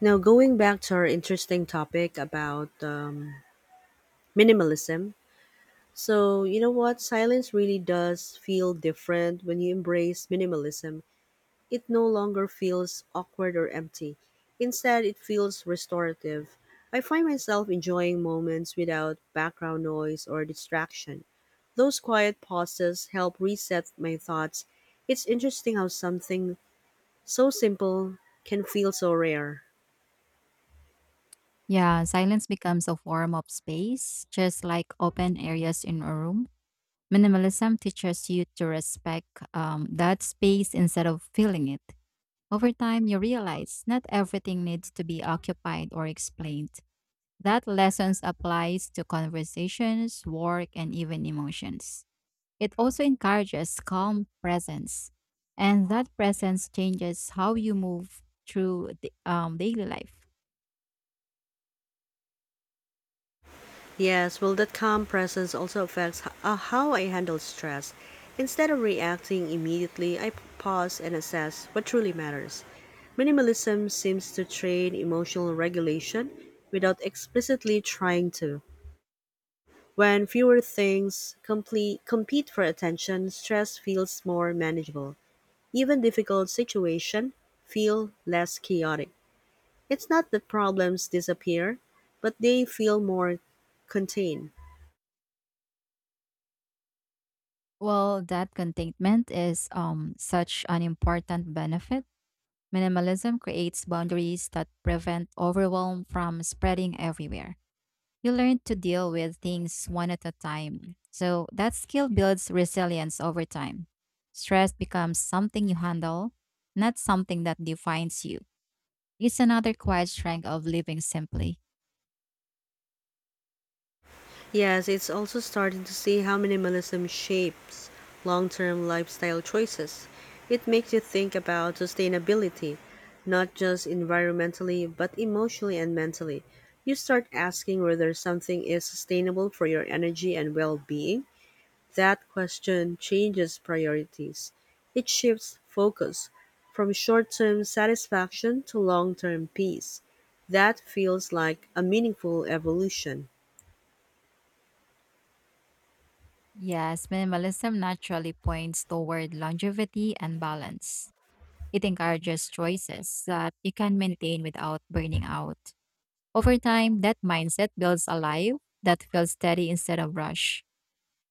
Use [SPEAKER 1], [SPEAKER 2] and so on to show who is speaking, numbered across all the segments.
[SPEAKER 1] Now, going back to our interesting topic about minimalism. So, you know what? Silence really does feel different when you embrace minimalism. It no longer feels awkward or empty. Instead, it feels restorative. I find myself enjoying moments without background noise or distraction. Those quiet pauses help reset my thoughts. It's interesting how something so simple can feel so rare.
[SPEAKER 2] Yeah, silence becomes a form of space, just like open areas in a room. Minimalism teaches you to respect that space instead of filling it. Over time, you realize not everything needs to be occupied or explained. That lessons applies to conversations, work, and even emotions. It also encourages calm presence, and that presence changes how you move through the daily life.
[SPEAKER 1] Yes, well, that calm presence also affects how I handle stress. Instead of reacting immediately, I pause and assess what truly matters. Minimalism seems to train emotional regulation without explicitly trying to. When fewer things compete for attention, stress feels more manageable. Even difficult situations feel less chaotic. It's not that problems disappear, but they feel more contained.
[SPEAKER 2] Well, that contentment is such an important benefit. Minimalism creates boundaries that prevent overwhelm from spreading everywhere. You learn to deal with things one at a time. So that skill builds resilience over time. Stress becomes something you handle, not something that defines you. It's another quiet strength of living simply.
[SPEAKER 1] Yes, it's also starting to see how minimalism shapes long term lifestyle choices. It makes you think about sustainability, not just environmentally, but emotionally and mentally. You start asking whether something is sustainable for your energy and well being. That question changes priorities. It shifts focus from short term satisfaction to long term peace. That feels like a meaningful evolution.
[SPEAKER 2] Yes, minimalism naturally points toward longevity and balance. It encourages choices that you can maintain without burning out. Over time, that mindset builds a life that feels steady instead of rush.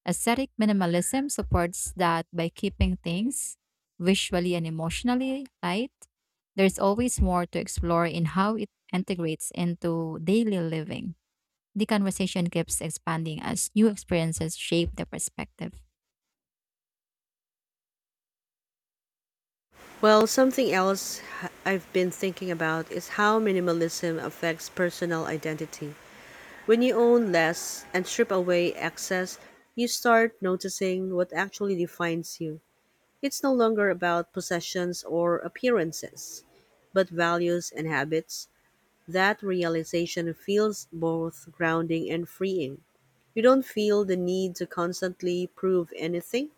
[SPEAKER 2] Aesthetic minimalism supports that by keeping things visually and emotionally light. There's always more to explore in how it integrates into daily living. The conversation keeps expanding as new experiences shape the perspective.
[SPEAKER 1] Well, something else I've been thinking about is how minimalism affects personal identity. When you own less and strip away excess, you start noticing what actually defines you. It's no longer about possessions or appearances, but values and habits. That realization feels both grounding and freeing. You don't feel the need to constantly prove anything.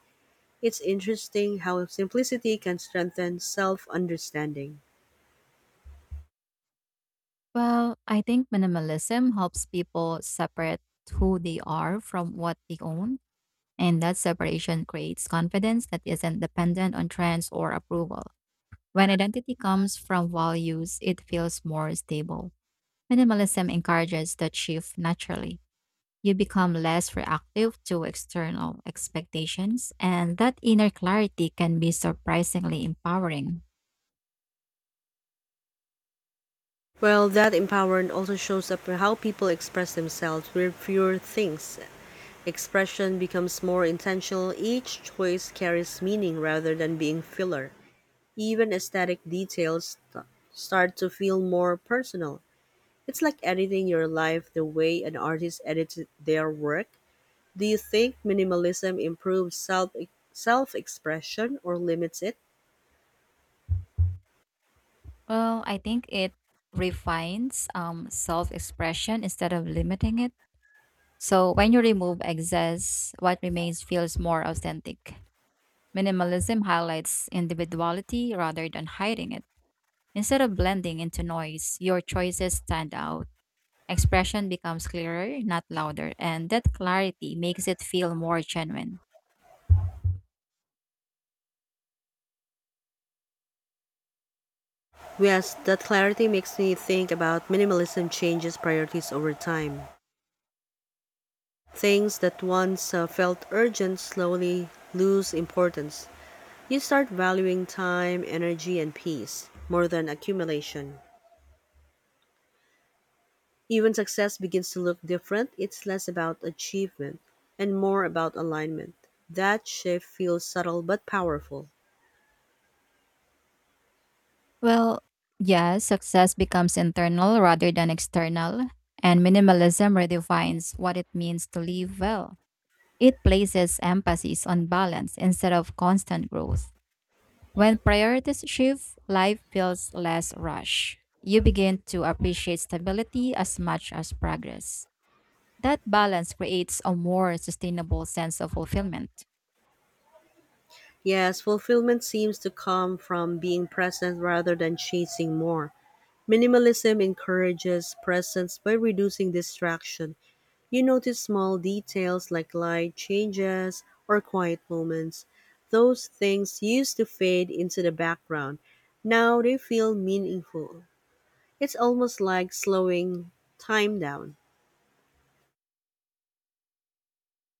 [SPEAKER 1] It's interesting how simplicity can strengthen self understanding.
[SPEAKER 2] Well, I think minimalism helps people separate who they are from what they own, and that separation creates confidence that isn't dependent on trends or approval. When identity comes from values, it feels more stable. Minimalism encourages that shift naturally. You become less reactive to external expectations, and that inner clarity can be surprisingly empowering.
[SPEAKER 1] Well, that empowerment also shows up in how people express themselves with fewer things. Expression becomes more intentional, each choice carries meaning rather than being filler. Even aesthetic details start to feel more personal. It's like editing your life the way an artist edits their work. Do you think minimalism improves self expression or limits it?
[SPEAKER 2] Well, I think it refines self expression instead of limiting it. So when you remove excess, what remains feels more authentic. Minimalism highlights individuality rather than hiding it. Instead of blending into noise, your choices stand out. Expression becomes clearer, not louder, and that clarity makes it feel more genuine.
[SPEAKER 1] Yes, that clarity makes me think about minimalism changes priorities over time. Things that once felt urgent slowly lose importance. You start valuing time, energy, and peace more than accumulation. Even success begins to look different. It's less about achievement and more about alignment. That shift feels subtle but powerful.
[SPEAKER 2] Well, yeah, success becomes internal rather than external, and minimalism redefines what it means to live well. It places emphasis on balance instead of constant growth. When priorities shift, life feels less rushed. You begin to appreciate stability as much as progress. That balance creates a more sustainable sense of fulfillment.
[SPEAKER 1] Yes, fulfillment seems to come from being present rather than chasing more. Minimalism encourages presence by reducing distraction. You notice small details like light changes or quiet moments. Those things used to fade into the background. Now they feel meaningful. It's almost like slowing time down.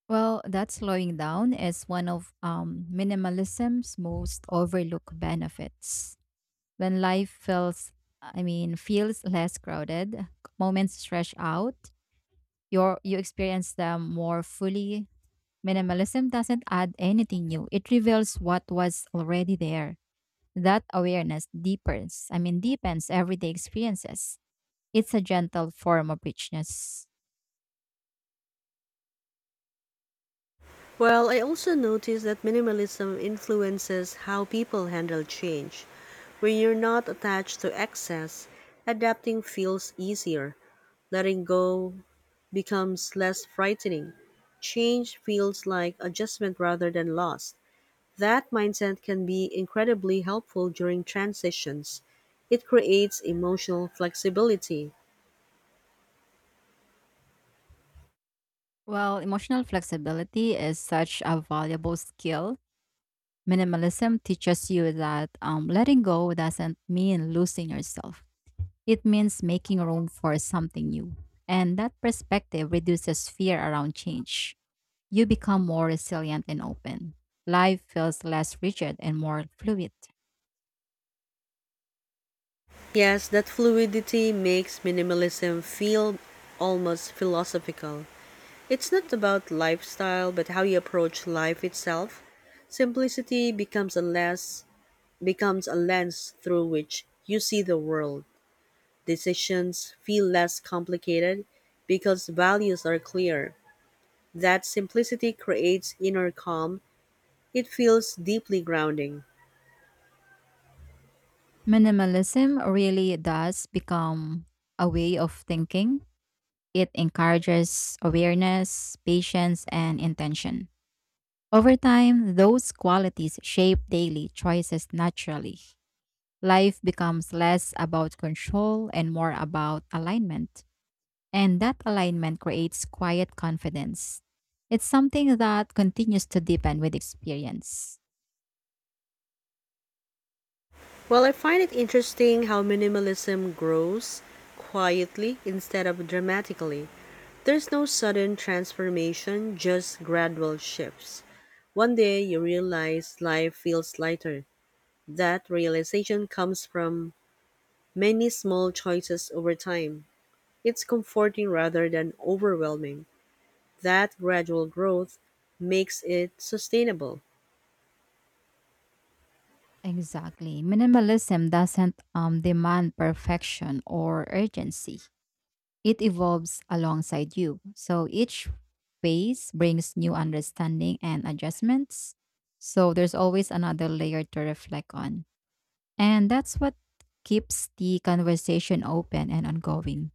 [SPEAKER 2] Well, that slowing down is one of minimalism's most overlooked benefits. When life feels less crowded, moments stretch out, you experience them more fully. Minimalism doesn't add anything new; it reveals what was already there. That awareness deepens everyday experiences. It's a gentle form of richness.
[SPEAKER 1] Well, I also noticed that minimalism influences how people handle change. When you're not attached to excess, adapting feels easier. Letting go becomes less frightening. Change feels like adjustment rather than loss. That mindset can be incredibly helpful during transitions. It creates emotional flexibility.
[SPEAKER 2] Well, emotional flexibility is such a valuable skill. Minimalism teaches you that letting go doesn't mean losing yourself. It means making room for something new. And that perspective reduces fear around change. You become more resilient and open. Life feels less rigid and more fluid.
[SPEAKER 1] Yes, that fluidity makes minimalism feel almost philosophical. It's not about lifestyle, but how you approach life itself. Simplicity becomes a lens through which you see the world. Decisions feel less complicated because values are clear. That simplicity creates inner calm. It feels deeply grounding.
[SPEAKER 2] Minimalism really does become a way of thinking. It encourages awareness, patience, and intention. Over time, those qualities shape daily choices naturally. Life becomes less about control and more about alignment. And that alignment creates quiet confidence. It's something that continues to deepen with experience.
[SPEAKER 1] Well, I find it interesting how minimalism grows quietly instead of dramatically. There's no sudden transformation, just gradual shifts. One day you realize life feels lighter. That realization comes from many small choices over time. It's comforting rather than overwhelming. That gradual growth makes it sustainable.
[SPEAKER 2] Exactly. Minimalism doesn't demand perfection or urgency, it evolves alongside you. So each phase brings new understanding and adjustments. So there's always another layer to reflect on. And that's what keeps the conversation open and ongoing.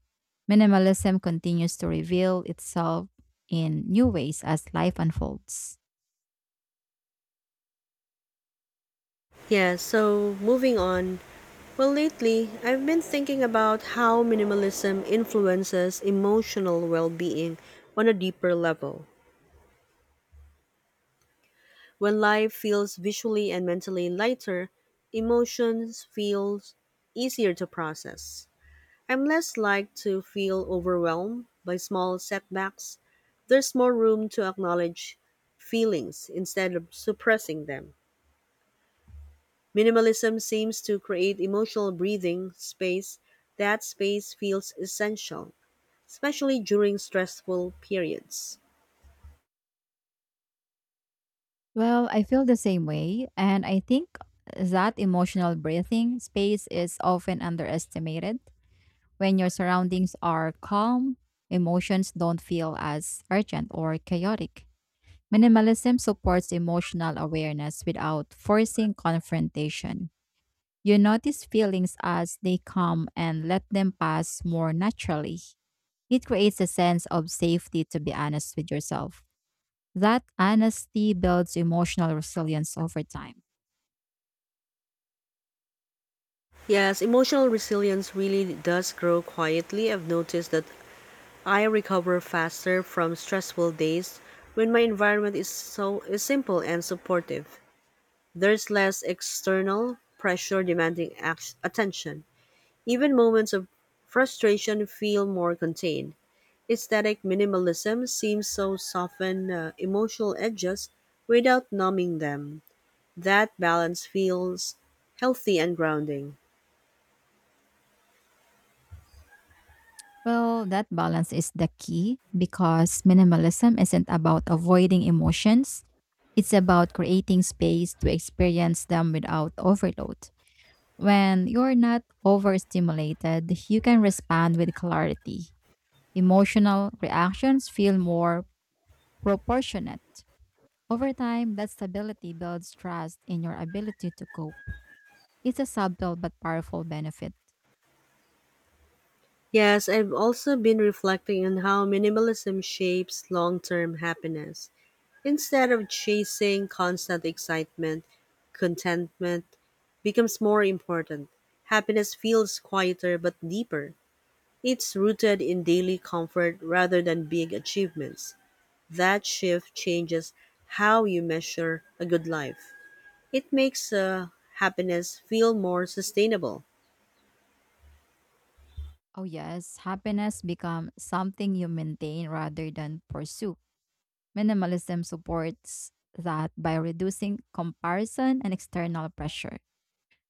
[SPEAKER 2] Minimalism continues to reveal itself in new ways as life unfolds.
[SPEAKER 1] Yeah, so moving on, well, lately, I've been thinking about how minimalism influences emotional well being on a deeper level. When life feels visually and mentally lighter, emotions feel easier to process. I'm less like to feel overwhelmed by small setbacks. There's more room to acknowledge feelings instead of suppressing them. Minimalism seems to create emotional breathing space. That space feels essential, especially during stressful periods.
[SPEAKER 2] Well, I feel the same way, and I think that emotional breathing space is often underestimated. When your surroundings are calm, emotions don't feel as urgent or chaotic. Minimalism supports emotional awareness without forcing confrontation. You notice feelings as they come and let them pass more naturally. It creates a sense of safety to be honest with yourself. That honesty builds emotional resilience over time.
[SPEAKER 1] Yes, emotional resilience really does grow quietly. I've noticed that I recover faster from stressful days when my environment is simple and supportive. There's less external pressure demanding attention. Even moments of frustration feel more contained. Aesthetic minimalism seems to soften emotional edges without numbing them. That balance feels healthy and grounding.
[SPEAKER 2] Well, that balance is the key because minimalism isn't about avoiding emotions, it's about creating space to experience them without overload. When you're not overstimulated, you can respond with clarity. Emotional reactions feel more proportionate. Over time, that stability builds trust in your ability to cope. It's a subtle but powerful benefit.
[SPEAKER 1] Yes, I've also been reflecting on how minimalism shapes long term happiness. Instead of chasing constant excitement, contentment becomes more important. Happiness feels quieter but deeper. It's rooted in daily comfort rather than big achievements. That shift changes how you measure a good life. It makes happiness feel more sustainable.
[SPEAKER 2] Oh yes, happiness becomes something you maintain rather than pursue. Minimalism supports that by reducing comparison and external pressure.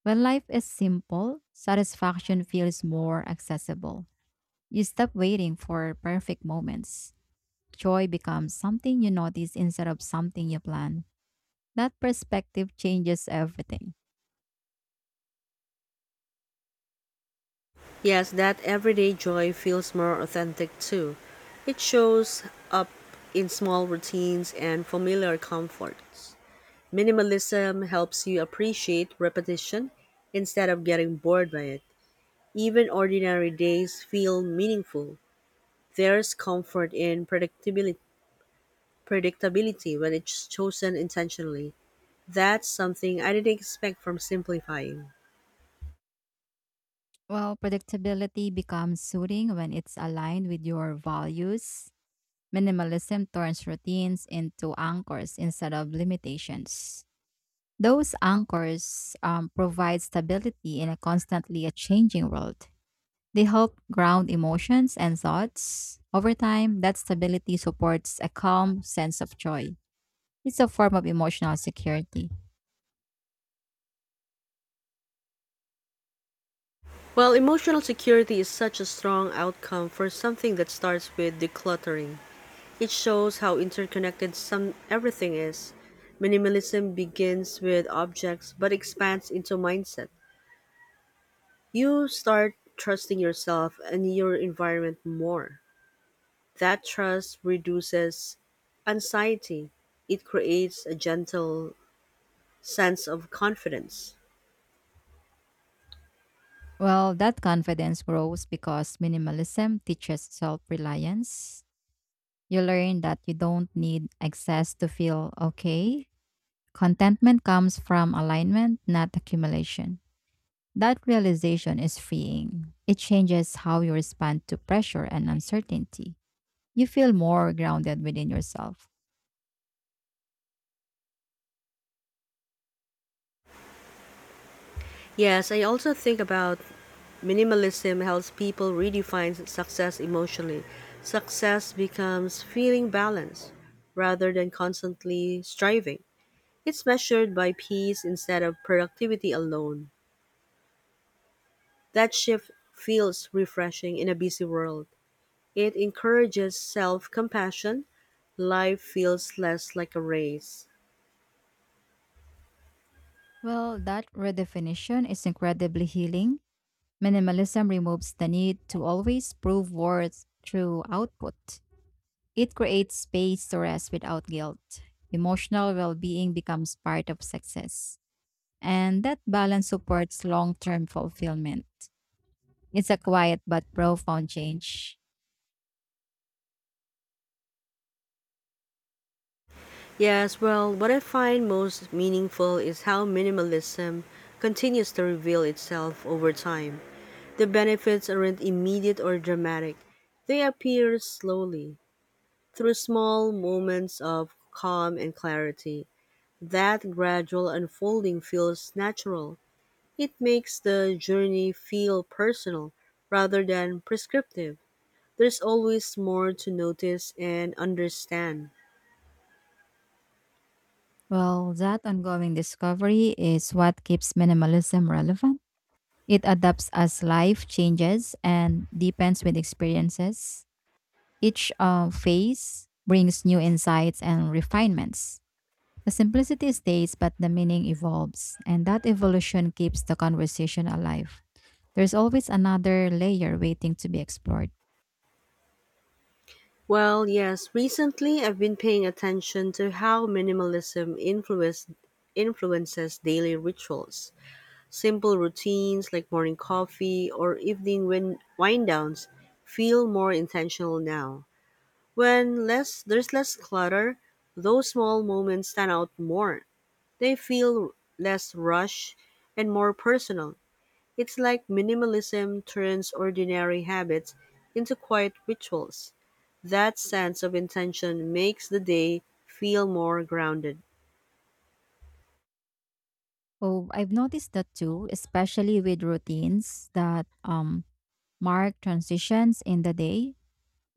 [SPEAKER 2] When life is simple, satisfaction feels more accessible. You stop waiting for perfect moments. Joy becomes something you notice instead of something you plan. That perspective changes everything.
[SPEAKER 1] Yes, that everyday joy feels more authentic too. It shows up in small routines and familiar comforts. Minimalism helps you appreciate repetition instead of getting bored by it. Even ordinary days feel meaningful. There's comfort in predictability when it's chosen intentionally. That's something I didn't expect from simplifying.
[SPEAKER 2] Well, predictability becomes soothing when it's aligned with your values. Minimalism turns routines into anchors instead of limitations. Those anchors provide stability in a constantly a changing world. They help ground emotions and thoughts. Over time, that stability supports a calm sense of joy. It's a form of emotional security.
[SPEAKER 1] Well, emotional security is such a strong outcome for something that starts with decluttering. It shows how interconnected some everything is. Minimalism begins with objects but expands into mindset. You start trusting yourself and your environment more. That trust reduces anxiety. It creates a gentle sense of confidence.
[SPEAKER 2] Well, that confidence grows because minimalism teaches self reliance. You learn that you don't need excess to feel okay. Contentment comes from alignment, not accumulation. That realization is freeing. It changes how you respond to pressure and uncertainty. You feel more grounded within yourself.
[SPEAKER 1] Yes, I also think about minimalism helps people redefine success emotionally. Success becomes feeling balanced rather than constantly striving. It's measured by peace instead of productivity alone. That shift feels refreshing in a busy world. It encourages self compassion. Life feels less like a race.
[SPEAKER 2] Well, that redefinition is incredibly healing. Minimalism removes the need to always prove worth through output. It creates space to rest without guilt. Emotional well being becomes part of success. And that balance supports long term fulfillment. It's a quiet but profound change.
[SPEAKER 1] Yes, well, what I find most meaningful is how minimalism continues to reveal itself over time. The benefits aren't immediate or dramatic, they appear slowly through small moments of calm and clarity. That gradual unfolding feels natural. It makes the journey feel personal rather than prescriptive. There's always more to notice and understand.
[SPEAKER 2] Well, that ongoing discovery is what keeps minimalism relevant. It adapts as life changes and deepens with experiences. Each phase brings new insights and refinements. The simplicity stays, but the meaning evolves, and that evolution keeps the conversation alive. There's always another layer waiting to be explored.
[SPEAKER 1] Well, yes, recently I've been paying attention to how minimalism influences daily rituals. Simple routines like morning coffee or evening wind downs feel more intentional now. When less there's less clutter, those small moments stand out more. They feel less rushed and more personal. It's like minimalism turns ordinary habits into quiet rituals. That sense of intention makes the day feel more grounded.
[SPEAKER 2] Oh, I've noticed that too, especially with routines that mark transitions in the day.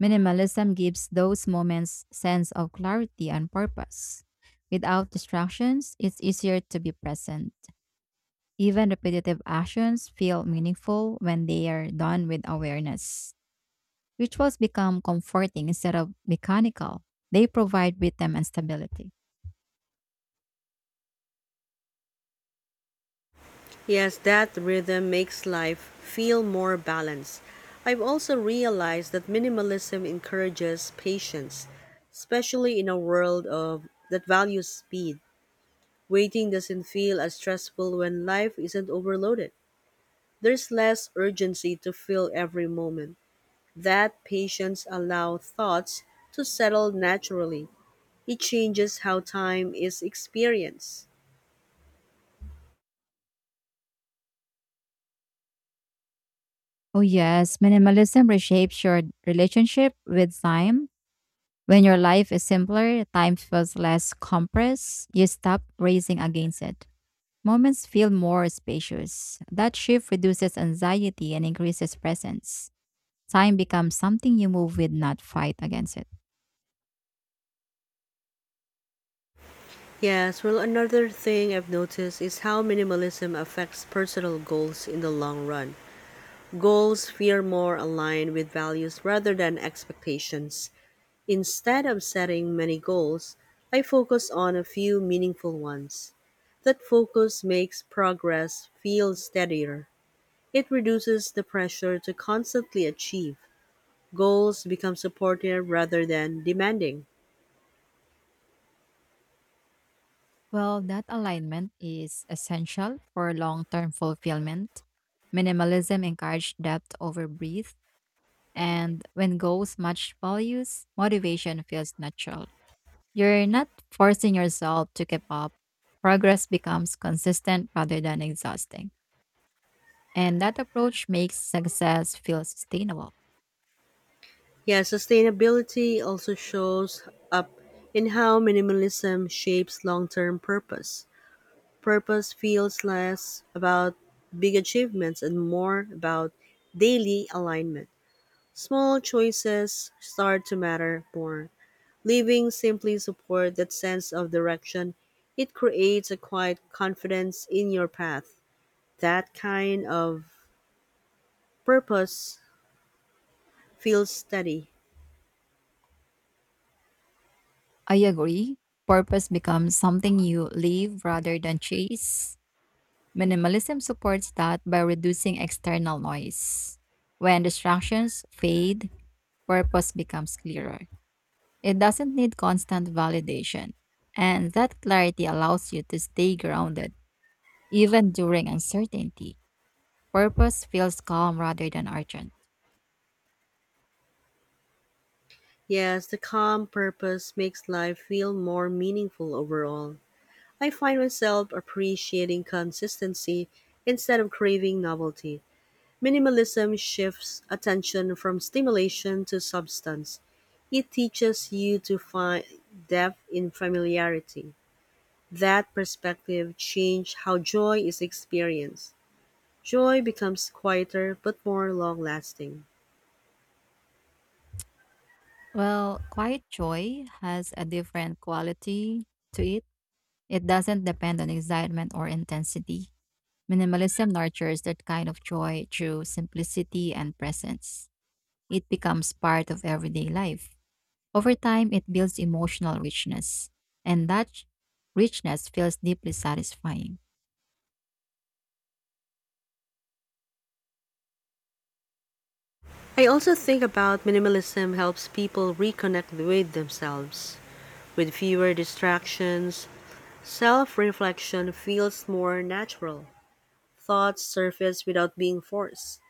[SPEAKER 2] Minimalism gives those moments sense of clarity and purpose. Without distractions, it's easier to be present. Even repetitive actions feel meaningful when they are done with awareness. Rituals become comforting instead of mechanical. They provide rhythm and stability.
[SPEAKER 1] Yes, that rhythm makes life feel more balanced. I've also realized that minimalism encourages patience, especially in a world of that values speed. Waiting doesn't feel as stressful when life isn't overloaded. There's less urgency to fill every moment. That patience allows thoughts to settle naturally. It changes how time is experienced.
[SPEAKER 2] Oh, yes, minimalism reshapes your relationship with time. When your life is simpler, time feels less compressed. You stop racing against it. Moments feel more spacious. That shift reduces anxiety and increases presence. Time becomes something you move with, not fight against it.
[SPEAKER 1] Yes, well, another thing I've noticed is how minimalism affects personal goals in the long run. Goals feel more aligned with values rather than expectations. Instead of setting many goals, I focus on a few meaningful ones. That focus makes progress feel steadier. It reduces the pressure to constantly achieve. Goals become supportive rather than demanding.
[SPEAKER 2] Well, that alignment is essential for long term fulfillment. Minimalism encourages depth over breadth, and when goals match values, motivation feels natural. You're not forcing yourself to keep up. Progress becomes consistent rather than exhausting. And that approach makes success feel sustainable.
[SPEAKER 1] Yeah, sustainability also shows up in how minimalism shapes long term purpose. Purpose feels less about big achievements and more about daily alignment. Small choices start to matter more. Living simply support that sense of direction. It creates a quiet confidence in your path. That kind of purpose feels steady.
[SPEAKER 2] I agree. Purpose becomes something you live rather than chase. Minimalism supports that by reducing external noise. When distractions fade, purpose becomes clearer. It doesn't need constant validation, and that clarity allows you to stay grounded even during uncertainty. Purpose feels calm rather than urgent.
[SPEAKER 1] Yes, the calm purpose makes life feel more meaningful overall. I find myself appreciating consistency instead of craving novelty. Minimalism shifts attention from stimulation to substance. It teaches you to find depth in familiarity. That perspective changed how joy is experienced. Joy becomes quieter but more long lasting.
[SPEAKER 2] Well, quiet joy has a different quality to it. It doesn't depend on excitement or intensity. Minimalism nurtures that kind of joy through simplicity and presence. It becomes part of everyday life. Over time, it builds emotional richness, and that richness feels deeply satisfying.
[SPEAKER 1] I also think about minimalism helps people reconnect with themselves. With fewer distractions, self reflection feels more natural. Thoughts surface without being forced.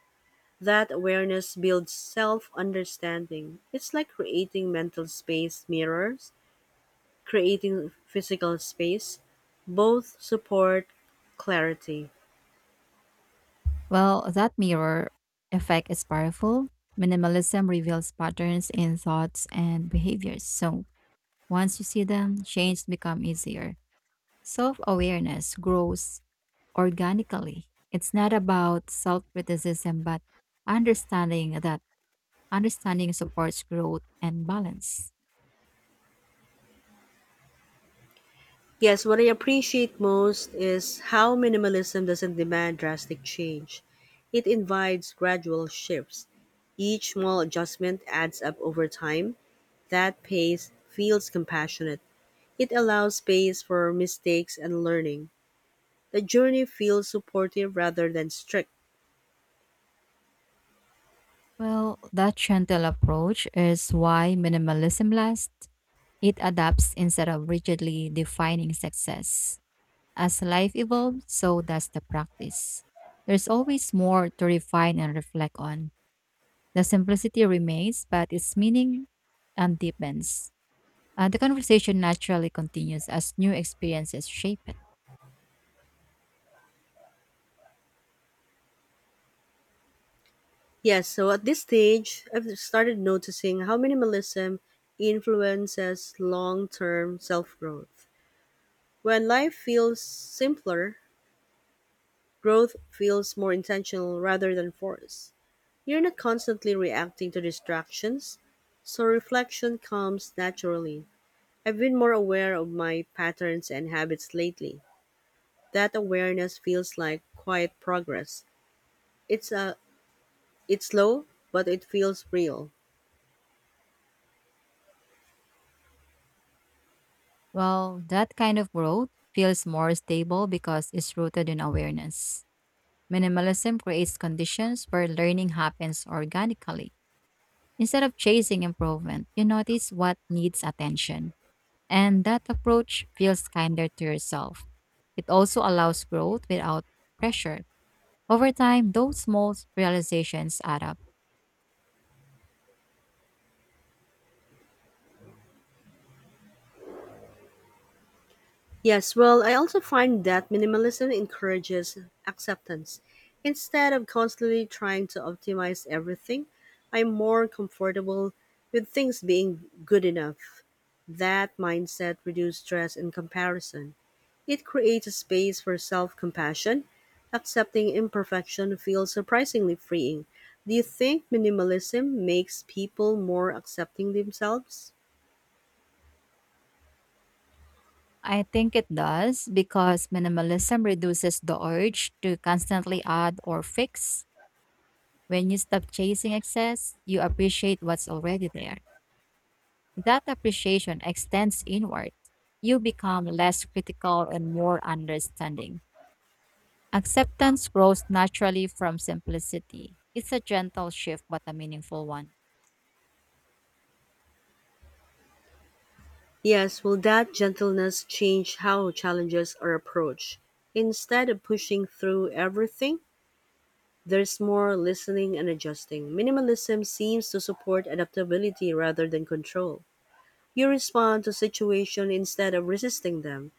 [SPEAKER 1] That awareness builds self understanding. It's like creating mental space mirrors, creating physical space. Both support clarity.
[SPEAKER 2] Well, that mirror effect is powerful. Minimalism reveals patterns in thoughts and behaviors. So, once you see them, change becomes easier. Self-awareness grows organically. It's not about self-criticism, but understanding that understanding supports growth and balance.
[SPEAKER 1] Yes, what I appreciate most is how minimalism doesn't demand drastic change. It invites gradual shifts. Each small adjustment adds up over time. That pace feels compassionate. It allows space for mistakes and learning. The journey feels supportive rather than strict.
[SPEAKER 2] Well, that gentle approach is why minimalism lasts. It adapts instead of rigidly defining success. As life evolves, so does the practice. There's always more to refine and reflect on. The simplicity remains, but its meaning and deepens. The conversation naturally continues as new experiences shape it.
[SPEAKER 1] Yes, so at this stage, I've started noticing how minimalism influences long term self growth. When life feels simpler, growth feels more intentional rather than forced. You're not constantly reacting to distractions, so reflection comes naturally. I've been more aware of my patterns and habits lately. That awareness feels like quiet progress. It's a it's slow, but it feels real.
[SPEAKER 2] Well, that kind of growth feels more stable because it's rooted in awareness. Minimalism creates conditions where learning happens organically. Instead of chasing improvement, you notice what needs attention. And that approach feels kinder to yourself. It also allows growth without pressure. Over time, those small realizations add up.
[SPEAKER 1] Yes, well, I also find that minimalism encourages acceptance. Instead of constantly trying to optimize everything, I'm more comfortable with things being good enough. That mindset reduces stress and comparison. It creates a space for self compassion. Accepting imperfection feels surprisingly freeing. Do you think minimalism makes people more accepting themselves?
[SPEAKER 2] I think it does because minimalism reduces the urge to constantly add or fix. When you stop chasing excess, you appreciate what's already there. That appreciation extends inward. You become less critical and more understanding. Acceptance grows naturally from simplicity. It's a gentle shift, but a meaningful one.
[SPEAKER 1] Yes, will that gentleness change how challenges are approached? Instead of pushing through everything, there's more listening and adjusting. Minimalism seems to support adaptability rather than control. You respond to situation instead of resisting them.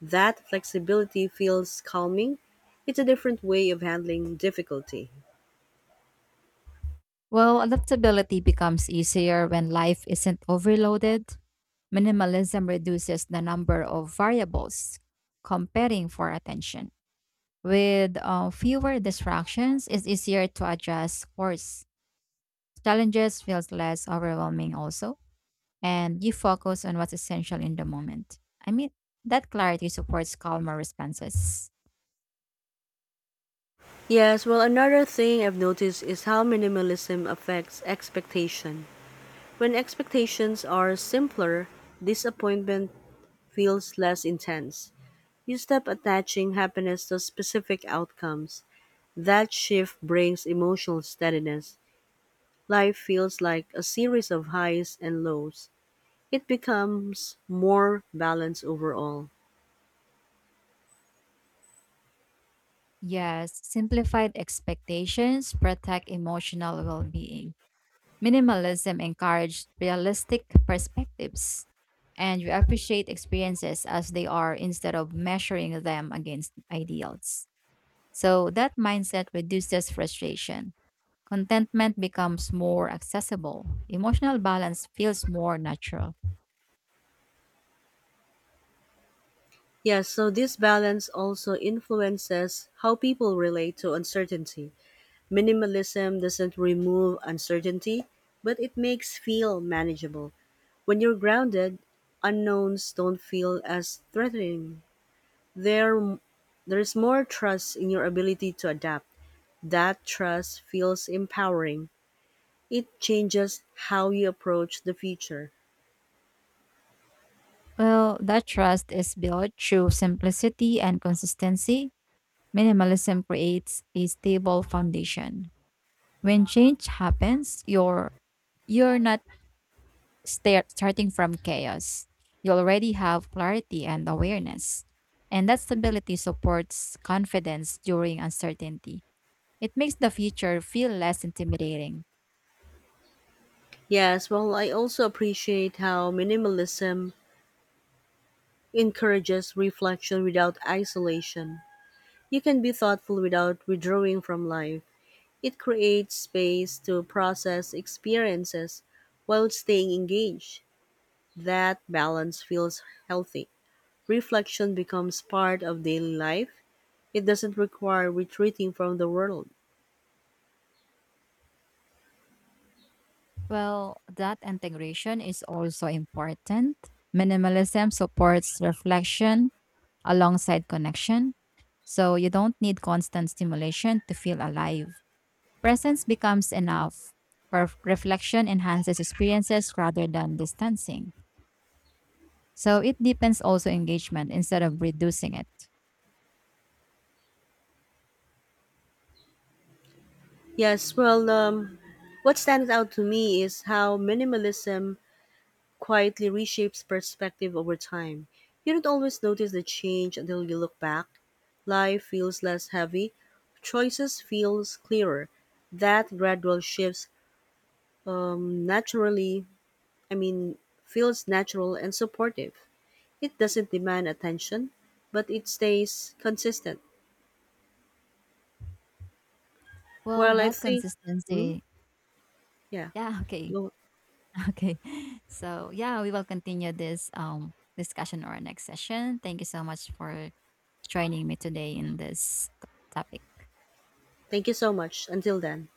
[SPEAKER 1] That flexibility feels calming. It's a different way of handling difficulty.
[SPEAKER 2] Well, adaptability becomes easier when life isn't overloaded. Minimalism reduces the number of variables competing for attention. With fewer distractions, it's easier to adjust course. Challenges feels less overwhelming also, and you focus on what's essential in the moment. I mean, that clarity supports calmer responses.
[SPEAKER 1] Yes, well, another thing I've noticed is how minimalism affects expectation. When expectations are simpler, disappointment feels less intense. You stop attaching happiness to specific outcomes. That shift brings emotional steadiness. Life feels like a series of highs and lows. It becomes more balanced overall.
[SPEAKER 2] Yes, simplified expectations protect emotional well being. Minimalism encourages realistic perspectives, and you appreciate experiences as they are instead of measuring them against ideals. So, that mindset reduces frustration. Contentment becomes more accessible. Emotional balance feels more natural.
[SPEAKER 1] Yes, so this balance also influences how people relate to uncertainty. Minimalism doesn't remove uncertainty, but it makes feel manageable. When you're grounded, unknowns don't feel as threatening. There, there's more trust in your ability to adapt. That trust feels empowering. It changes how you approach the future.
[SPEAKER 2] Well, that trust is built through simplicity and consistency. Minimalism creates a stable foundation. When change happens, you're not starting from chaos. You already have clarity and awareness. And that stability supports confidence during uncertainty. It makes the future feel less intimidating.
[SPEAKER 1] Yes, well, I also appreciate how minimalism encourages reflection without isolation. You can be thoughtful without withdrawing from life. It creates space to process experiences while staying engaged. That balance feels healthy. Reflection becomes part of daily life. It doesn't require retreating from the world.
[SPEAKER 2] Well, that integration is also important. Minimalism supports reflection alongside connection. So you don't need constant stimulation to feel alive. Presence becomes enough. Reflection enhances experiences rather than distancing. So it deepens also engagement instead of reducing it.
[SPEAKER 1] Yes, well, what stands out to me is how minimalism quietly reshapes perspective over time. You don't always notice the change until you look back. Life feels less heavy, choices feels clearer. That gradual shifts um, naturally, I mean, feels natural and supportive. It doesn't demand attention, but it stays consistent.
[SPEAKER 2] Well,
[SPEAKER 1] Well, I
[SPEAKER 2] that
[SPEAKER 1] think, mm,
[SPEAKER 2] consistency.
[SPEAKER 1] yeah.
[SPEAKER 2] Yeah, okay.
[SPEAKER 1] No,
[SPEAKER 2] Okay. So, yeah, we will continue this discussion or next session. Thank you so much for joining me today in this topic.
[SPEAKER 1] thank you so much. Until then.